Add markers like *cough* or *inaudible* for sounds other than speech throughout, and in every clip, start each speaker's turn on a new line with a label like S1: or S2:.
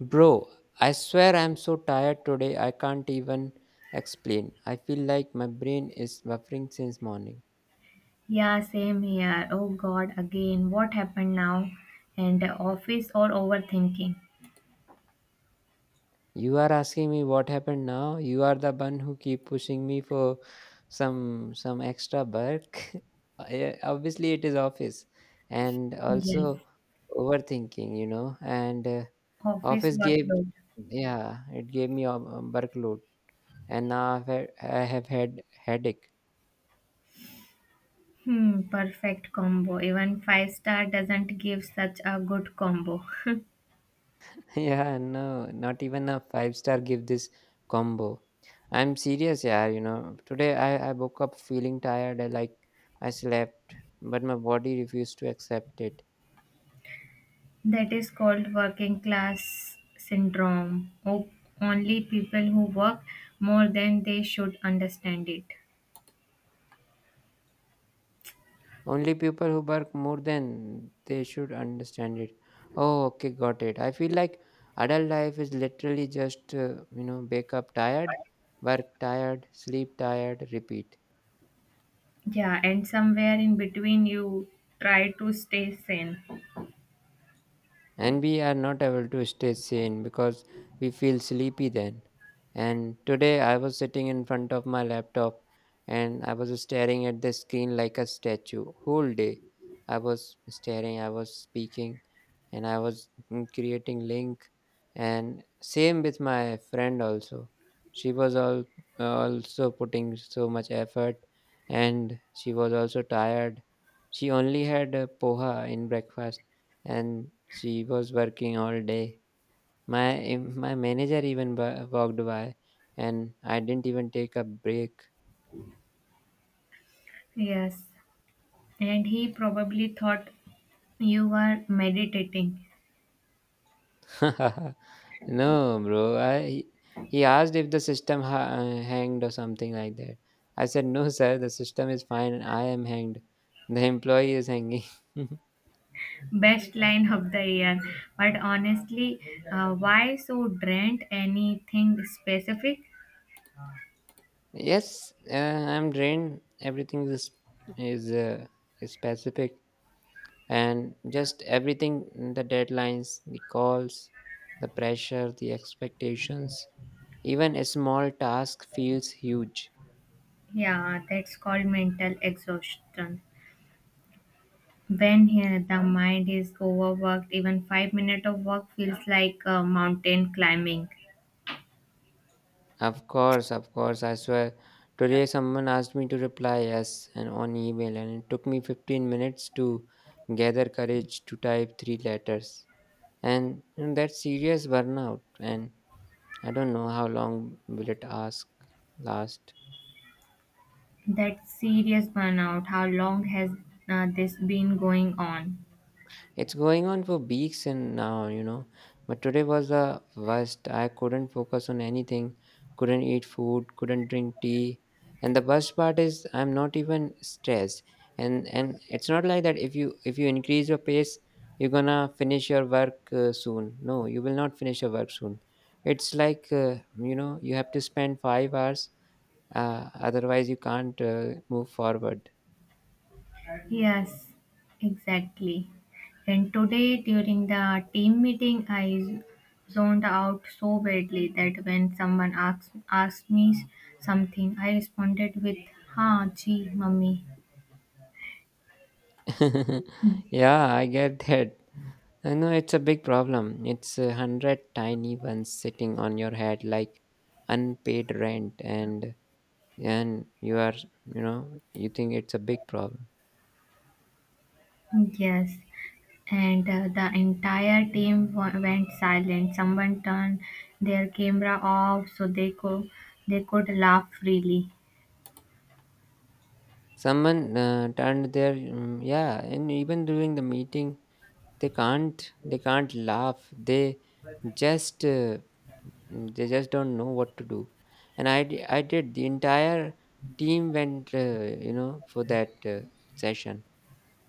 S1: Bro, I swear I'm so tired today I can't even explain. I feel like my brain is buffering since morning.
S2: Yeah, same here. Oh God, again, what happened now? And office or overthinking?
S1: You are asking me what happened now? You are the one who keep pushing me for some extra work. *laughs* Yeah, obviously it is office and
S2: Yes,
S1: also overthinking. And
S2: office
S1: office gave,
S2: workload.
S1: yeah, it gave me a workload, and now I have had headache.
S2: Hmm, perfect combo. Even five-star doesn't give such a good combo. *laughs*
S1: *laughs* Yeah, no, not even a five-star give this combo. I'm serious, yeah. Today I woke up feeling tired, I, like, I slept, but my body refused to accept it.
S2: That is called working class syndrome. Oh, only people who work more than they should understand it.
S1: Only people who work more than they should understand it. Oh, okay, got it. I feel like adult life is literally just, wake up tired, work tired, sleep tired, repeat.
S2: Yeah, and somewhere in between, you try to stay sane.
S1: And we are not able to stay sane because we feel sleepy then. And today I was sitting in front of my laptop, and I was staring at the screen like a statue whole day. I was staring, I was speaking, and I was creating link. And same with my friend also. She was all also putting so much effort, and she was also tired. She only had a poha in breakfast, and she was working all day. My my manager even walked by, and I didn't even take a break.
S2: Yes, and he probably thought you were meditating
S1: *laughs* No, bro. I he asked if the system hanged or something like that. I said no, sir. The system is fine. I am hanged. The employee is hanging.
S2: best line of the year but honestly, why so drained, anything specific?
S1: *laughs* Yes, I'm drained. Everything is uh, is specific. And just everything, the deadlines, the calls, the pressure, the expectations. Even a small task feels huge.
S2: Yeah, that's called mental exhaustion. When here the mind is overworked, even 5 minutes of work feels like mountain climbing.
S1: Of course, of course, I swear, today someone asked me to reply yes and on email, and it took me 15 minutes to gather courage to type three letters. And that's serious burnout, and I don't know how long will it ask last.
S2: That's serious burnout. How long has this been going on?
S1: It's going on for weeks and now. But today was the worst. I couldn't focus on anything, couldn't eat food, couldn't drink tea. And the worst part is I'm not even stressed. And it's not like that, if you increase your pace, you're gonna finish your work soon. No, you will not finish your work soon. It's like, you have to spend 5 hours. Otherwise, you can't move forward.
S2: Yes, exactly. And today during the team meeting, I zoned out so badly that when someone asked me something, I responded with "Ha, gee, mummy."
S1: *laughs* Yeah, I get that. I know it's a big problem. It's a hundred tiny ones sitting on your head like unpaid rent, and you are you know you think it's a big problem.
S2: Yes, and the entire team went silent. Someone turned their camera off so they could laugh freely.
S1: Someone turned their, yeah, and even during the meeting, they can't laugh. Just uh, they just don't know what to do. And I did, the entire team went, for that session,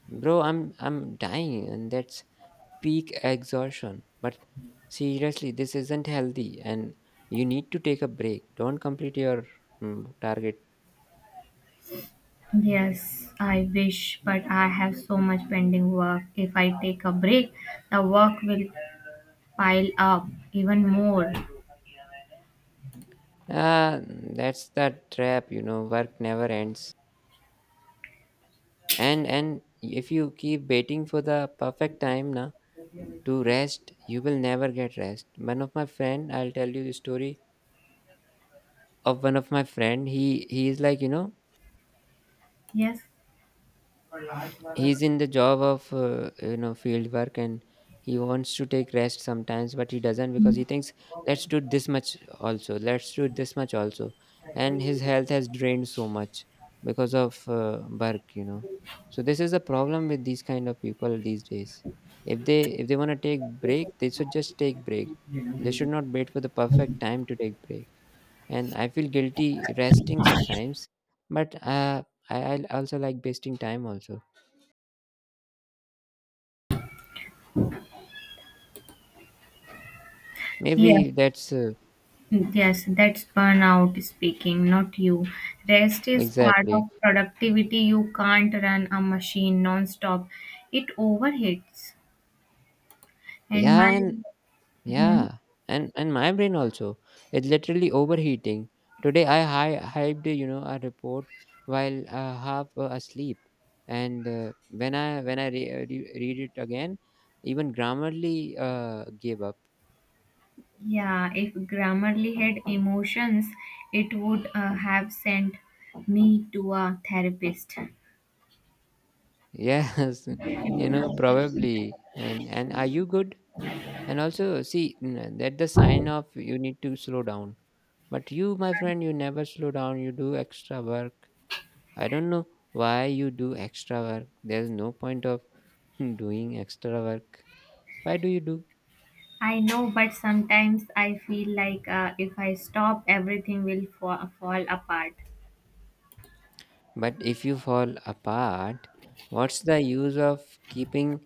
S1: bro. I'm dying, and that's peak exhaustion. But seriously, this isn't healthy, and you need to take a break. Don't complete your target.
S2: Yes, I wish, but I have so much pending work. If I take a break, the work will pile up even more.
S1: Ah, that's the trap. You know, work never ends. And if you keep waiting for the perfect time na to rest, you will never get rest. One of my friend, I'll tell you the story of one of my friend. He is like,
S2: Yes,
S1: he's in the job of field work, and he wants to take rest sometimes, but he doesn't because he thinks, let's do this much also, let's do this much also. And his health has drained so much because of work. So this is the problem with these kind of people these days. If they want to take break, they should just take break. They should not wait for the perfect time to take break. And I feel guilty resting sometimes, but I also like wasting time also.
S2: yes,
S1: Maybe that's
S2: yes, that's burnout speaking, not you. Rest is part
S1: exactly.
S2: of productivity. You can't run a machine non-stop. It overheats. And
S1: Yeah.
S2: my,
S1: And
S2: hmm?
S1: yeah, and my brain also, it's literally overheating. Today I hyped, a report while half asleep. And when I read it again, even Grammarly gave up.
S2: Yeah, if Grammarly had emotions, it would have sent me to a therapist.
S1: Yes, *laughs* probably. And are you good? And also see, that the sign of you need to slow down. But you, my friend, you never slow down, you do extra work. I don't know why you do extra work. There's no point of *laughs* doing extra work. Why do you do?
S2: I know, but sometimes I feel like if I stop, everything will fall apart.
S1: But if you fall apart, what's the use of keeping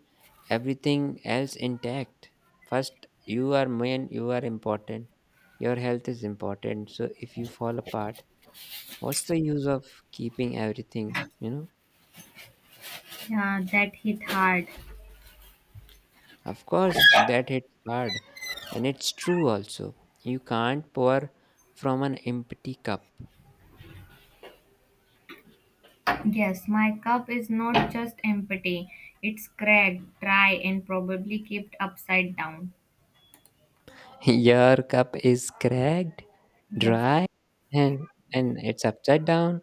S1: everything else intact? First, you are main, you are important. Your health is important. So if you fall apart, what's the use of keeping everything, you know?
S2: Yeah, that hit hard.
S1: Of course, that hits hard. And it's true also. You can't pour from an empty cup.
S2: Yes, my cup is not just empty, it's cracked, dry, and probably kept upside down.
S1: *laughs* Your cup is cracked,
S2: Yes.
S1: dry, and and it's upside down,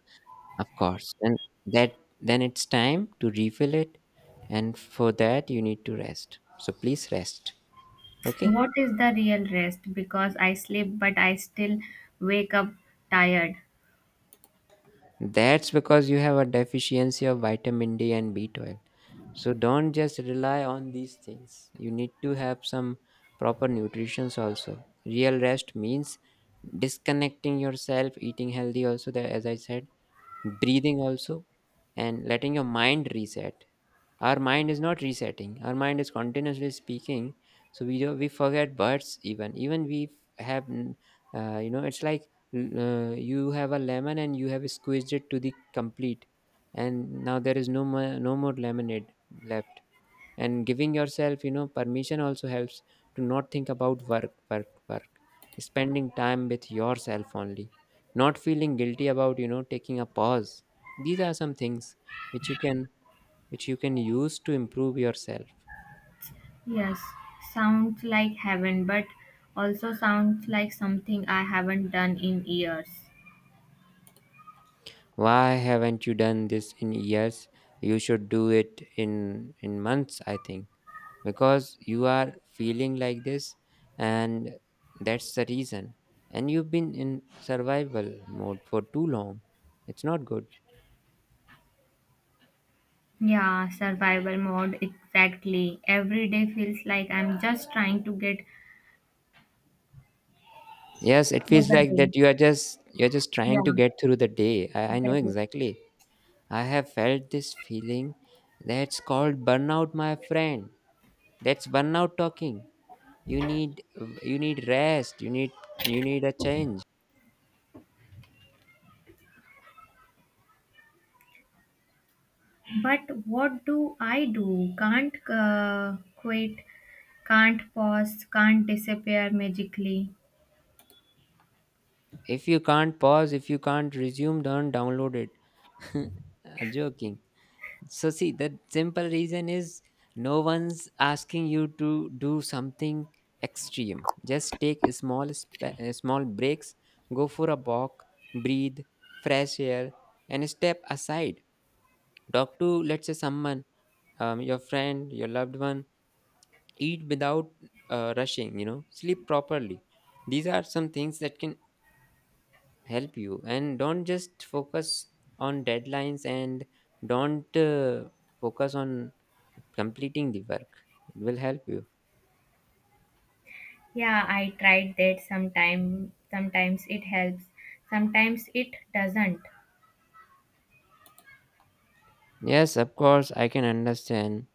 S1: of course. And that then it's time to refill it, and for that you need to rest. So please rest. Okay?
S2: What is the real rest? Because I sleep, but I still wake up tired.
S1: That's because you have a deficiency of vitamin D and B12. So don't just rely on these things. You need to have some proper nutrition also. Real rest means disconnecting yourself, eating healthy also, that as I said, breathing also, and letting your mind reset. Our mind is not resetting, our mind is continuously speaking, so we forget words. Even we have, it's like, you have a lemon and you have squeezed it to the complete, and now there is no more, no more lemonade left. And giving yourself permission also helps, to not think about work, work, work. Spending time with yourself only, not feeling guilty about taking a pause. These are some things which you can which you can use to improve yourself.
S2: Yes, sounds like heaven, but also sounds like something I haven't done in years.
S1: Why haven't you done this in years? You should do it in months, I think, because you are feeling like this, and that's the reason. And you've been in survival mode for too long. It's not good.
S2: Yeah, survival mode, exactly. Every day feels like I'm just trying to get
S1: Yes, it
S2: through
S1: feels
S2: the
S1: like
S2: day.
S1: that you're just
S2: Yeah,
S1: trying to get through the day. I
S2: for
S1: know
S2: the day.
S1: exactly. I have felt this feeling, that's called burnout, my friend. That's burnout talking. you need you need rest, you need a change.
S2: But what do I do? Can't quit, can't pause, can't disappear magically.
S1: If you can't pause, if you can't resume, don't download it. *laughs* I'm joking. So see, the simple reason is no one's asking you to do something extreme. Just take a small breaks, go for a walk, breathe fresh air, and step aside. Talk to, let's say, someone, your friend, your loved one. Eat without rushing, sleep properly. These are some things that can help you. And don't just focus on deadlines, and don't focus on completing the work. It will help you.
S2: Yeah, I tried that sometime. Sometimes it helps, sometimes it doesn't.
S1: Yes, of course, I can understand,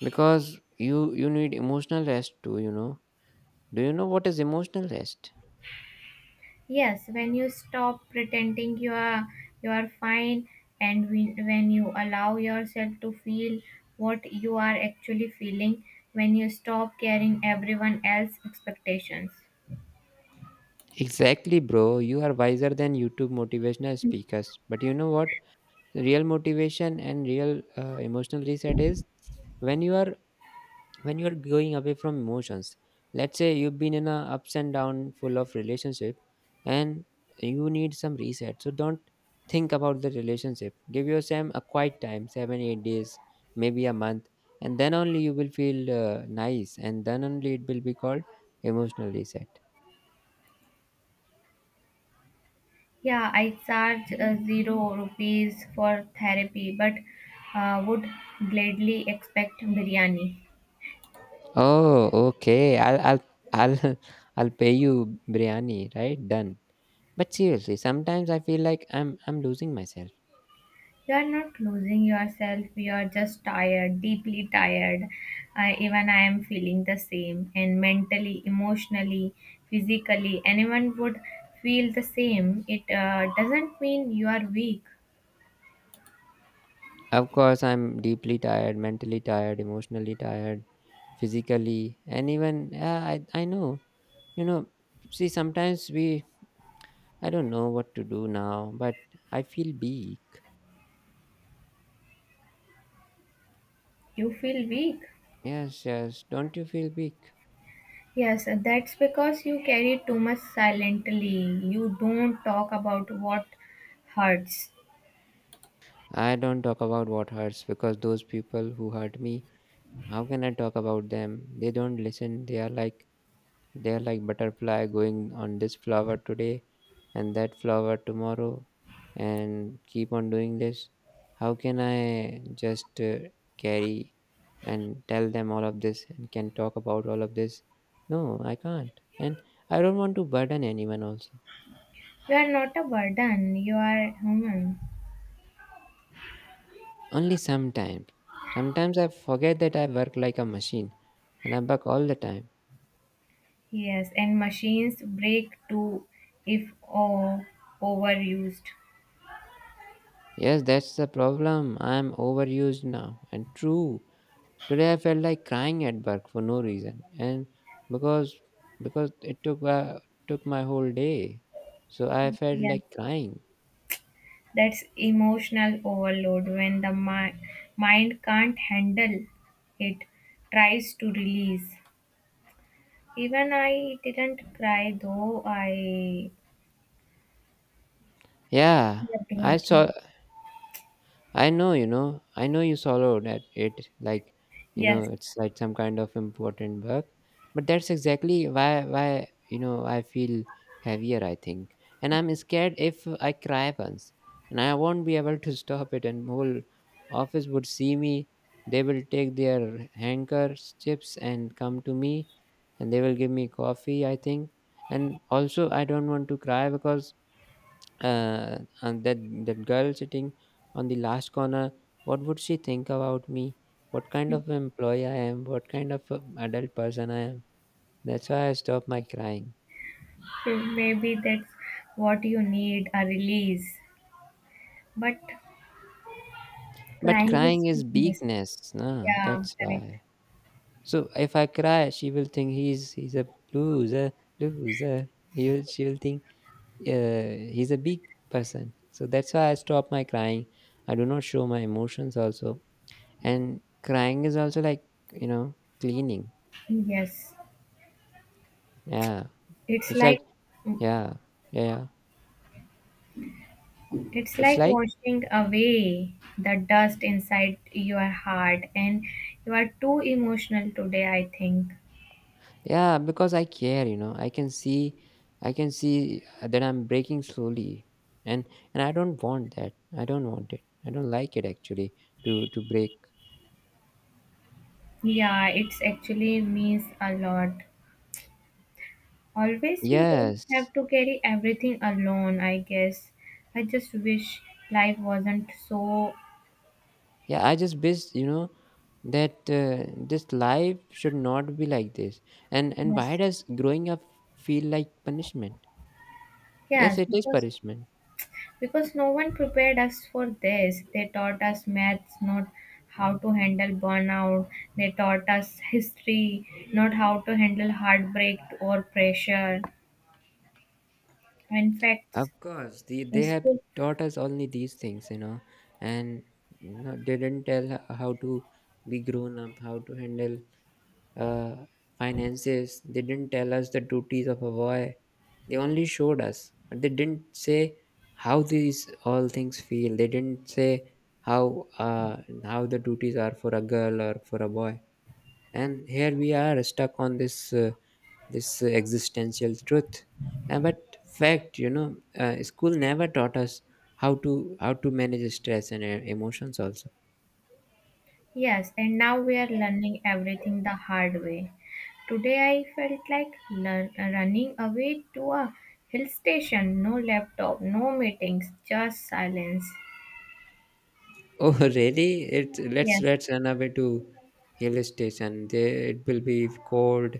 S1: because you need emotional rest too. Do you know what is emotional rest?
S2: Yes, when you stop pretending you are fine, and when you allow yourself to feel what you are actually feeling, when you stop caring everyone else's expectations.
S1: Exactly, bro. You are wiser than YouTube motivational speakers. But you know what? Real motivation and real emotional reset is when you are when you are going away from emotions. Let's say you've been in a ups and down full of relationship, and you need some reset. So don't think about the relationship. Give yourself a quiet time, 7-8 days, maybe a month, and then only you will feel nice, and then only it will be called emotional reset.
S2: Yeah, I charge 0 rupees for therapy but would gladly expect biryani.
S1: Oh, okay. I'll *laughs* I'll pay you biryani, right? Done. But seriously, sometimes I feel like I'm losing myself.
S2: You are not losing yourself, you are just tired, deeply tired. I, even I am feeling the same, and mentally, emotionally, physically, anyone would feel the same. It doesn't mean you are weak,
S1: Of course, I'm deeply tired, mentally tired, emotionally tired, physically, and even yeah, I know. You know, see sometimes we I don't know what to do now, but I feel weak.
S2: you feel weak.
S1: Yes, yes. Don't you feel weak?
S2: Yes, that's because you carry too much silently. You don't talk about what hurts.
S1: I don't talk about what hurts because those people who hurt me. How can I talk about them? They don't listen. They are like butterfly going on this flower today and that flower tomorrow and keep on doing this. How can I just carry and tell them all of this and can talk about all of this? No, I can't. And I don't want to burden anyone also.
S2: You are not a burden, you are human.
S1: Only sometimes. Sometimes I forget that I work like a machine and I work all the time.
S2: Yes, and machines break too if overused.
S1: Yes, that's the problem. I'm overused now. And true, today I felt like crying at work for no reason, and because because it took my whole day, so I felt
S2: Yes,
S1: like crying.
S2: that's emotional overload when the mind can't handle it, tries to release. Even I didn't cry though I
S1: Yeah,
S2: kept
S1: I saw.
S2: working.
S1: I know you swallowed at it like,
S2: Yes,
S1: it's like some kind of important work. But that's exactly why I feel heavier. I think, and I'm scared if I cry once, and I won't be able to *laughs* stop it, and whole office would see me. They will take their handkerchiefs and come to me, and they will give me coffee. I think, and also I don't want to cry because and that that girl sitting on the last corner, what would she think about me? What kind of employee I am, what kind of adult person I am? That's why I stopped my crying.
S2: maybe that's what you need, a release. But
S1: But
S2: crying
S1: crying
S2: is
S1: is
S2: weakness.
S1: weakness, no?
S2: Yeah,
S1: That's
S2: correct.
S1: why, so if I cry she will think he's a loser. She will think he's a big person, so that's why I stop my crying. I do not show my emotions also. And crying is also like, you know, cleaning.
S2: Yes,
S1: Yeah,
S2: it's
S1: it's
S2: like.
S1: like, yeah, yeah, yeah.
S2: It's
S1: It's
S2: like
S1: like,
S2: washing away the dust inside your heart, and you are too emotional today, I think.
S1: yeah, because I care, you know. I can see that I'm breaking slowly, and and I don't want that. I don't want it. I don't like it actually to break.
S2: Yeah, it's actually means a lot. Always you don't
S1: Yes,
S2: have to carry everything alone, I guess. I just wish life wasn't so
S1: yeah. I just wish, that this life should not be like this. And why
S2: yes.
S1: does growing up feel like punishment? Yes,
S2: Yes,
S1: it is
S2: because
S1: punishment.
S2: Because no one prepared us for this. They taught us maths, not how to handle burnout. They taught us history, not how to handle heartbreak or pressure. In
S1: Of
S2: fact,
S1: course, they
S2: the
S1: they have
S2: school,
S1: taught us only these things, you know, and they didn't tell how to be grown up, how to handle, uh, finances. They didn't tell us the duties of a boy. They only showed us, but they didn't say how these all things feel. They didn't say how, how the duties are for a girl or for a boy. And here we are stuck on this existential truth, but fact, you know, school never taught us how to manage stress and emotions also.
S2: yes, and now we are learning everything the hard way. Today I felt like running away to a hill station. No laptop, no meetings, just silence.
S1: Oh, *laughs* really? It Let's
S2: Yes,
S1: run away to hill station. There it will be cold,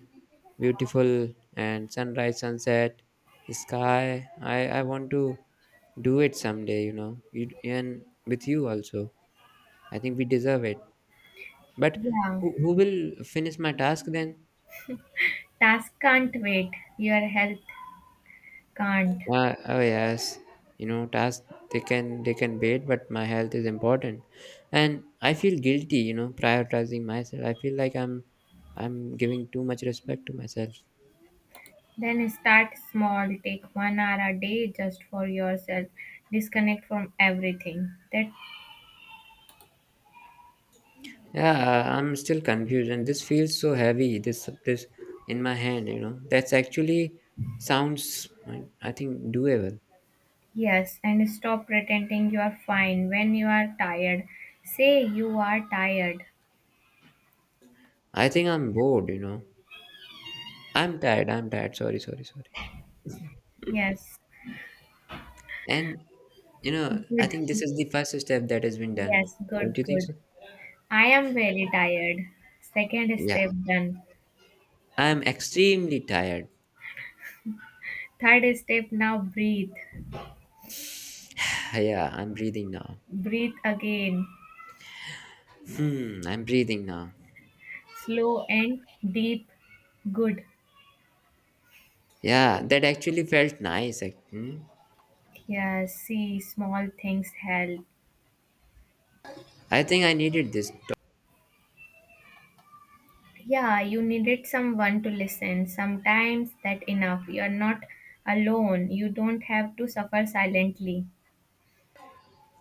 S1: beautiful, and sunrise, sunset sky. I want to do it someday, you know, you, and with you also. I think we deserve it. But
S2: yeah.
S1: who will finish my task then?
S2: Task can't wait. Your health can't.
S1: Oh yes, you know, task, they can wait, but my health is important, and I feel guilty, you know, prioritizing myself. I feel like I'm giving too much respect to myself.
S2: Then start small, take 1 hour a day just for yourself. Disconnect from everything. That
S1: Yeah, I'm still confused, and this feels so heavy. This in my hand, you know. That's actually sounds, I think, doable.
S2: yes, and stop pretending you are fine when you are tired. Say you are tired.
S1: I think I'm bored, you know. I'm tired. I'm tired. Sorry, sorry, sorry.
S2: Yes,
S1: And, I think this
S2: good.
S1: is the first step that has been done.
S2: Yes,
S1: Don't
S2: good,
S1: you think
S2: good.
S1: so?
S2: I am very tired. Second
S1: Yeah.
S2: step done.
S1: I'm extremely tired.
S2: Third step, now breathe.
S1: *sighs* Yeah, I'm breathing now.
S2: Breathe again.
S1: Hmm, I'm breathing now.
S2: Slow and deep. Good.
S1: Yeah, that actually felt nice. Hmm.
S2: Yes, see, small things help.
S1: I think I needed this.
S2: Yeah, you needed someone to listen. Sometimes that enough. You're not alone. You don't have to suffer silently.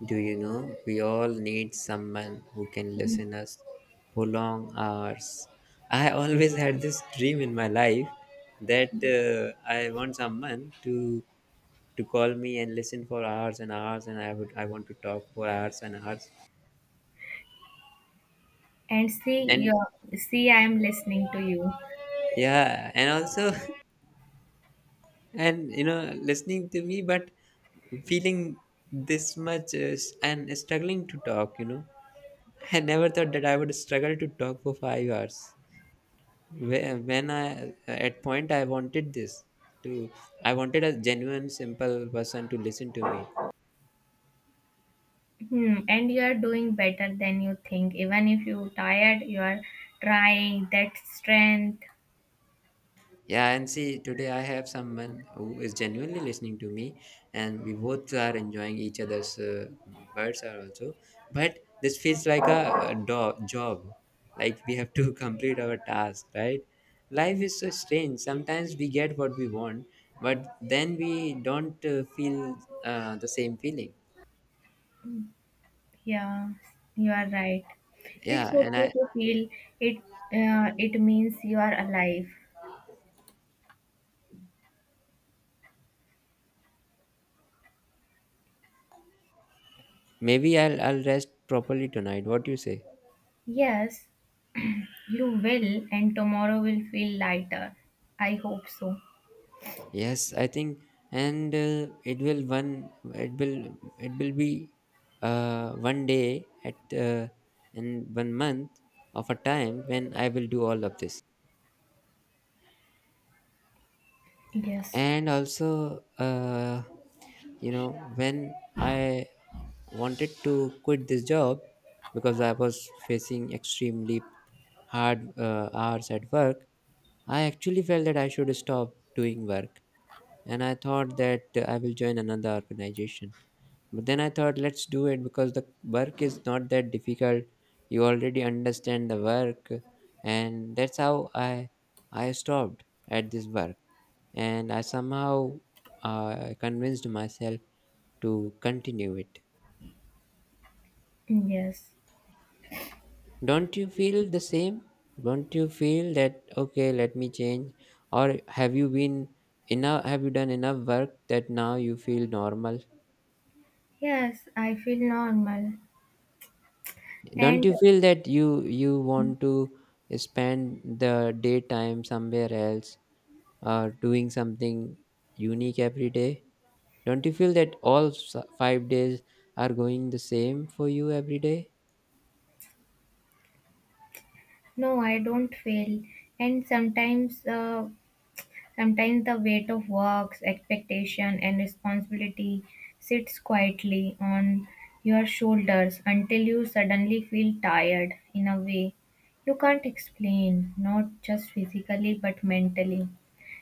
S1: Do you know, we all need someone who can listen us for long hours. I always had this dream in my life that I want someone to call me and listen for hours and hours, and I want to talk for hours and hours.
S2: And see,
S1: And
S2: you see, I am listening to you.
S1: yeah, and also *laughs* and you know listening to me, but feeling this much, and struggling to talk, you know. I never thought that I would struggle to talk for 5 hours. When I at point I wanted this to, I wanted a genuine simple person to listen to me.
S2: Hmm. And you are doing better than you think. Even if you're tired, you are trying. That strength.
S1: Yeah, and see today I have someone who is genuinely listening to me, and we both are enjoying each other's, words are also, but this feels like a job, like we have to *laughs* complete our task, right? Life is so strange. Sometimes we get what we want, but then we don't, feel, the same feeling.
S2: Yeah, you are right. It's
S1: Yeah, and I.
S2: okay to feel it. It means you are alive.
S1: Maybe I'll rest properly tonight. What do you say?
S2: Yes, you will, and tomorrow will feel lighter. I hope so.
S1: Yes, I think, and it will, be, one day at, in one month of a time when I will do all of this.
S2: Yes,
S1: And also, you know, when I wanted to quit this job because I was facing extremely hard, hours at work, I actually felt that I should stop doing work, and I thought that, I will join another organization. But then I thought, let's do it because the work is not that difficult, you already understand the work. And that's how I stopped at this work, and I somehow, convinced myself to continue it.
S2: yes,
S1: Don't you feel the same? Don't you feel that, okay, let me change? Or have you been enough? Have you done enough work that now you feel normal?
S2: yes, I feel normal.
S1: Don't
S2: And
S1: you feel that you want to spend the daytime somewhere else or doing something unique every day? Don't you feel that all 5 days are going the same for you every day?
S2: no, I don't fail. And sometimes sometimes the weight of works, expectation, and responsibility sits quietly on your shoulders until you suddenly feel tired in a way you can't explain, not just physically but mentally.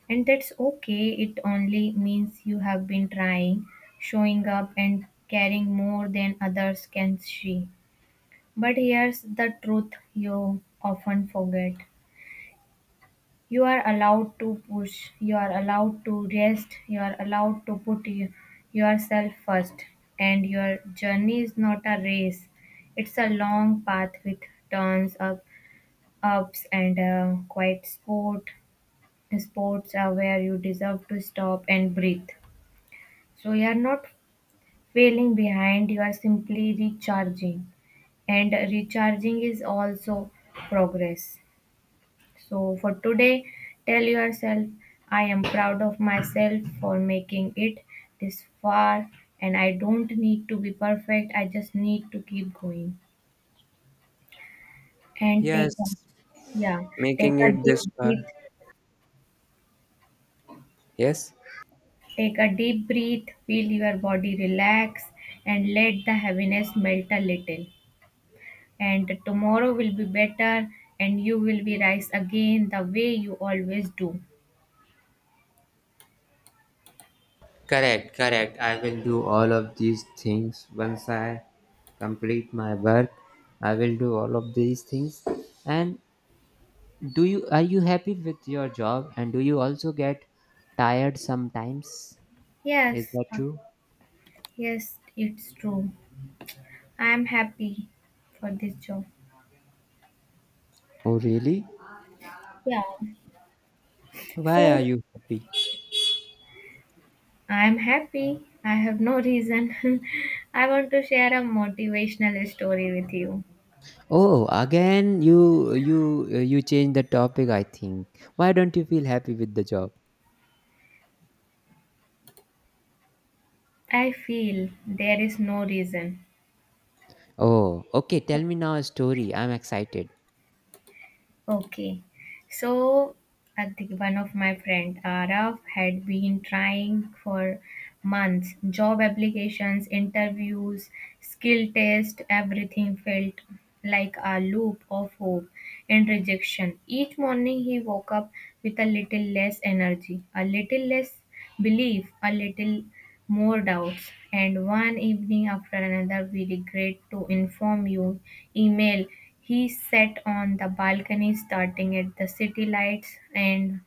S2: And that's okay, it only means you have been trying, showing up, and caring more than others can see. But here's the truth you often forget. You are allowed to push, you are allowed to rest, you are allowed to put yourself first. And your journey is not a race, it's a long path with turns, ups, and quite sport. Sports are where you deserve to stop and breathe. So you are not failing behind, you are simply recharging. And recharging is also progress. So for today, tell yourself, I am proud of myself for making it this far, and I don't need to be perfect. I just need to keep going and take
S1: Yes,
S2: a, yeah, take
S1: making
S2: a
S1: it
S2: deep
S1: this far.
S2: breath.
S1: Yes.
S2: Take a deep breath, feel your body relax, and let the heaviness melt a little. And tomorrow will be better, and you will be rise again the way you always do.
S1: Correct, correct. I will do all of these things once I complete my work. I will do all of these things. And do you, are you happy with your job? And do you also get tired sometimes? Is
S2: Yes,
S1: that true?
S2: yes, it's true. I'm happy for this job.
S1: Oh, really?
S2: Yeah.
S1: Why are
S2: So,
S1: you happy?
S2: I'm happy. I have no reason. *laughs* I want to share a motivational story with you.
S1: Oh, again you change the topic, I think. Why don't you feel happy with the job?
S2: I feel there is no reason.
S1: Oh, okay. Tell me now a story. I'm excited.
S2: Okay. So I think one of my friend, Arav, had been trying for months. Job applications, interviews, skill test, everything felt like a loop of hope and rejection. Each morning he woke up with a little less energy, a little less belief, a little more doubts, and one evening after another we regret to inform you email. He sat on the balcony starting at the city lights and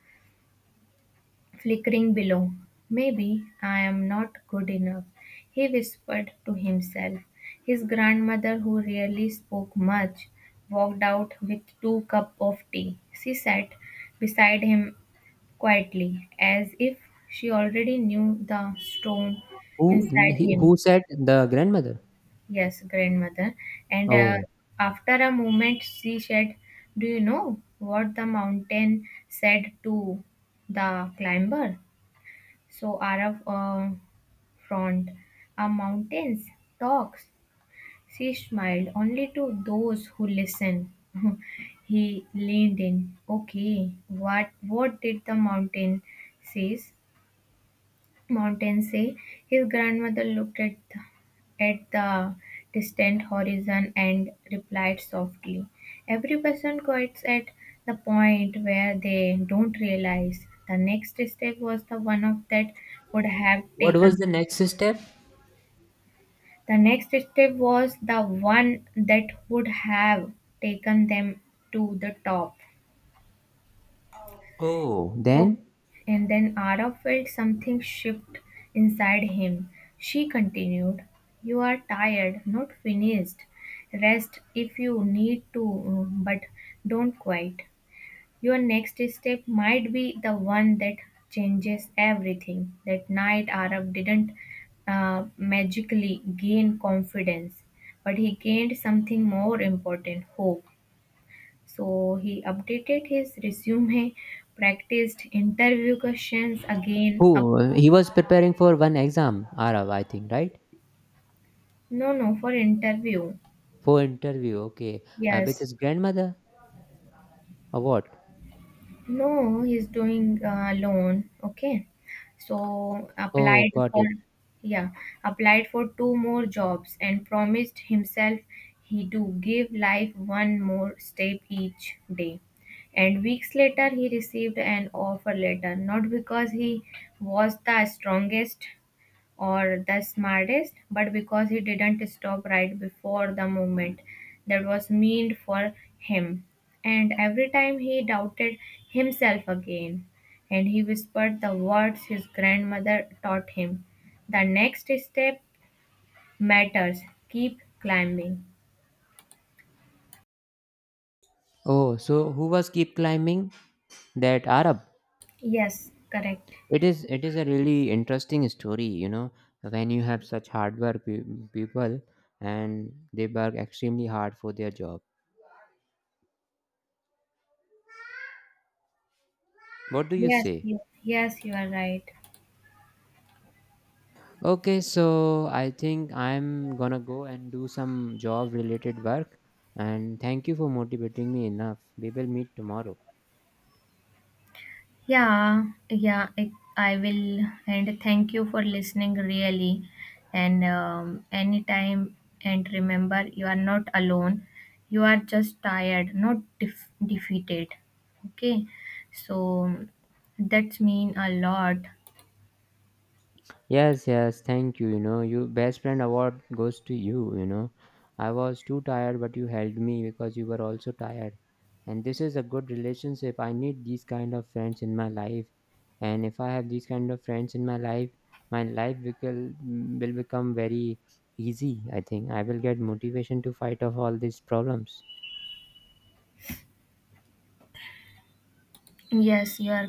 S2: flickering below. Maybe I am not good enough, he whispered to himself. His grandmother, who rarely spoke much, walked out with two cups of tea. She sat beside him quietly, as if she already knew the stone
S1: Who
S2: inside him.
S1: who said the grandmother?
S2: Yes, grandmother. And
S1: Oh,
S2: after a moment, she said, do you know what the mountain said to the climber? So Arab frowned. A mountains talks. She smiled only to those who listen. *laughs* He leaned in. Okay, what did the mountain says? Montaigne, his grandmother looked at the distant horizon and replied softly, every person quits at the point where they don't realize. The next step was the one of that would have
S1: what was
S2: taken
S1: the next step?
S2: the next step was the one that would have taken them to the top.
S1: Oh,
S2: Oh,
S1: then
S2: and then Ara felt something shift inside him. She continued, you are tired, not finished. Rest if you need to, but don't quit. Your next step might be the one that changes everything. That night, Arab didn't magically gain confidence, but he gained something more important, hope. So he updated his resume, practiced interview questions again. Up,
S1: who, he was preparing for one exam, Arav, I think, right?
S2: no, no, for interview.
S1: For interview, okay, with
S2: Yes.
S1: his grandmother or what?
S2: No, he's doing loan. Okay. So
S1: Oh,
S2: applied
S1: got
S2: for,
S1: it.
S2: yeah, applied for two more jobs and promised himself he do give life one more step each day. And weeks later, he received an offer letter, not because he was the strongest, or the smartest, but because he didn't stop right before the moment that was meant for him. And every time he doubted himself again, and he whispered the words his grandmother taught him, the next step matters, keep climbing.
S1: Oh, so who was keep climbing, that Arab?
S2: Yes, correct.
S1: It is a really interesting story, you know, when you have such hard work people, and they work extremely hard for their job. What do you
S2: Yes,
S1: say?
S2: yes, yes, you are right.
S1: Okay, so I think I'm gonna go and do some job related work. And thank you for motivating me enough. We will meet tomorrow.
S2: Yeah, I will. And thank you for listening, really. And anytime, and remember, you are not alone. You are just tired, not defeated. Okay, so that's mean a lot.
S1: Yes, yes, thank you. You know, you best friend award goes to you, you know. I was too tired, but you helped me because you were also tired. And this is a good relationship. I need these kind of friends in my life. And if I have these kind of friends in my life will become very easy, I think. I will get motivation to fight off all these problems.
S2: Yes, you are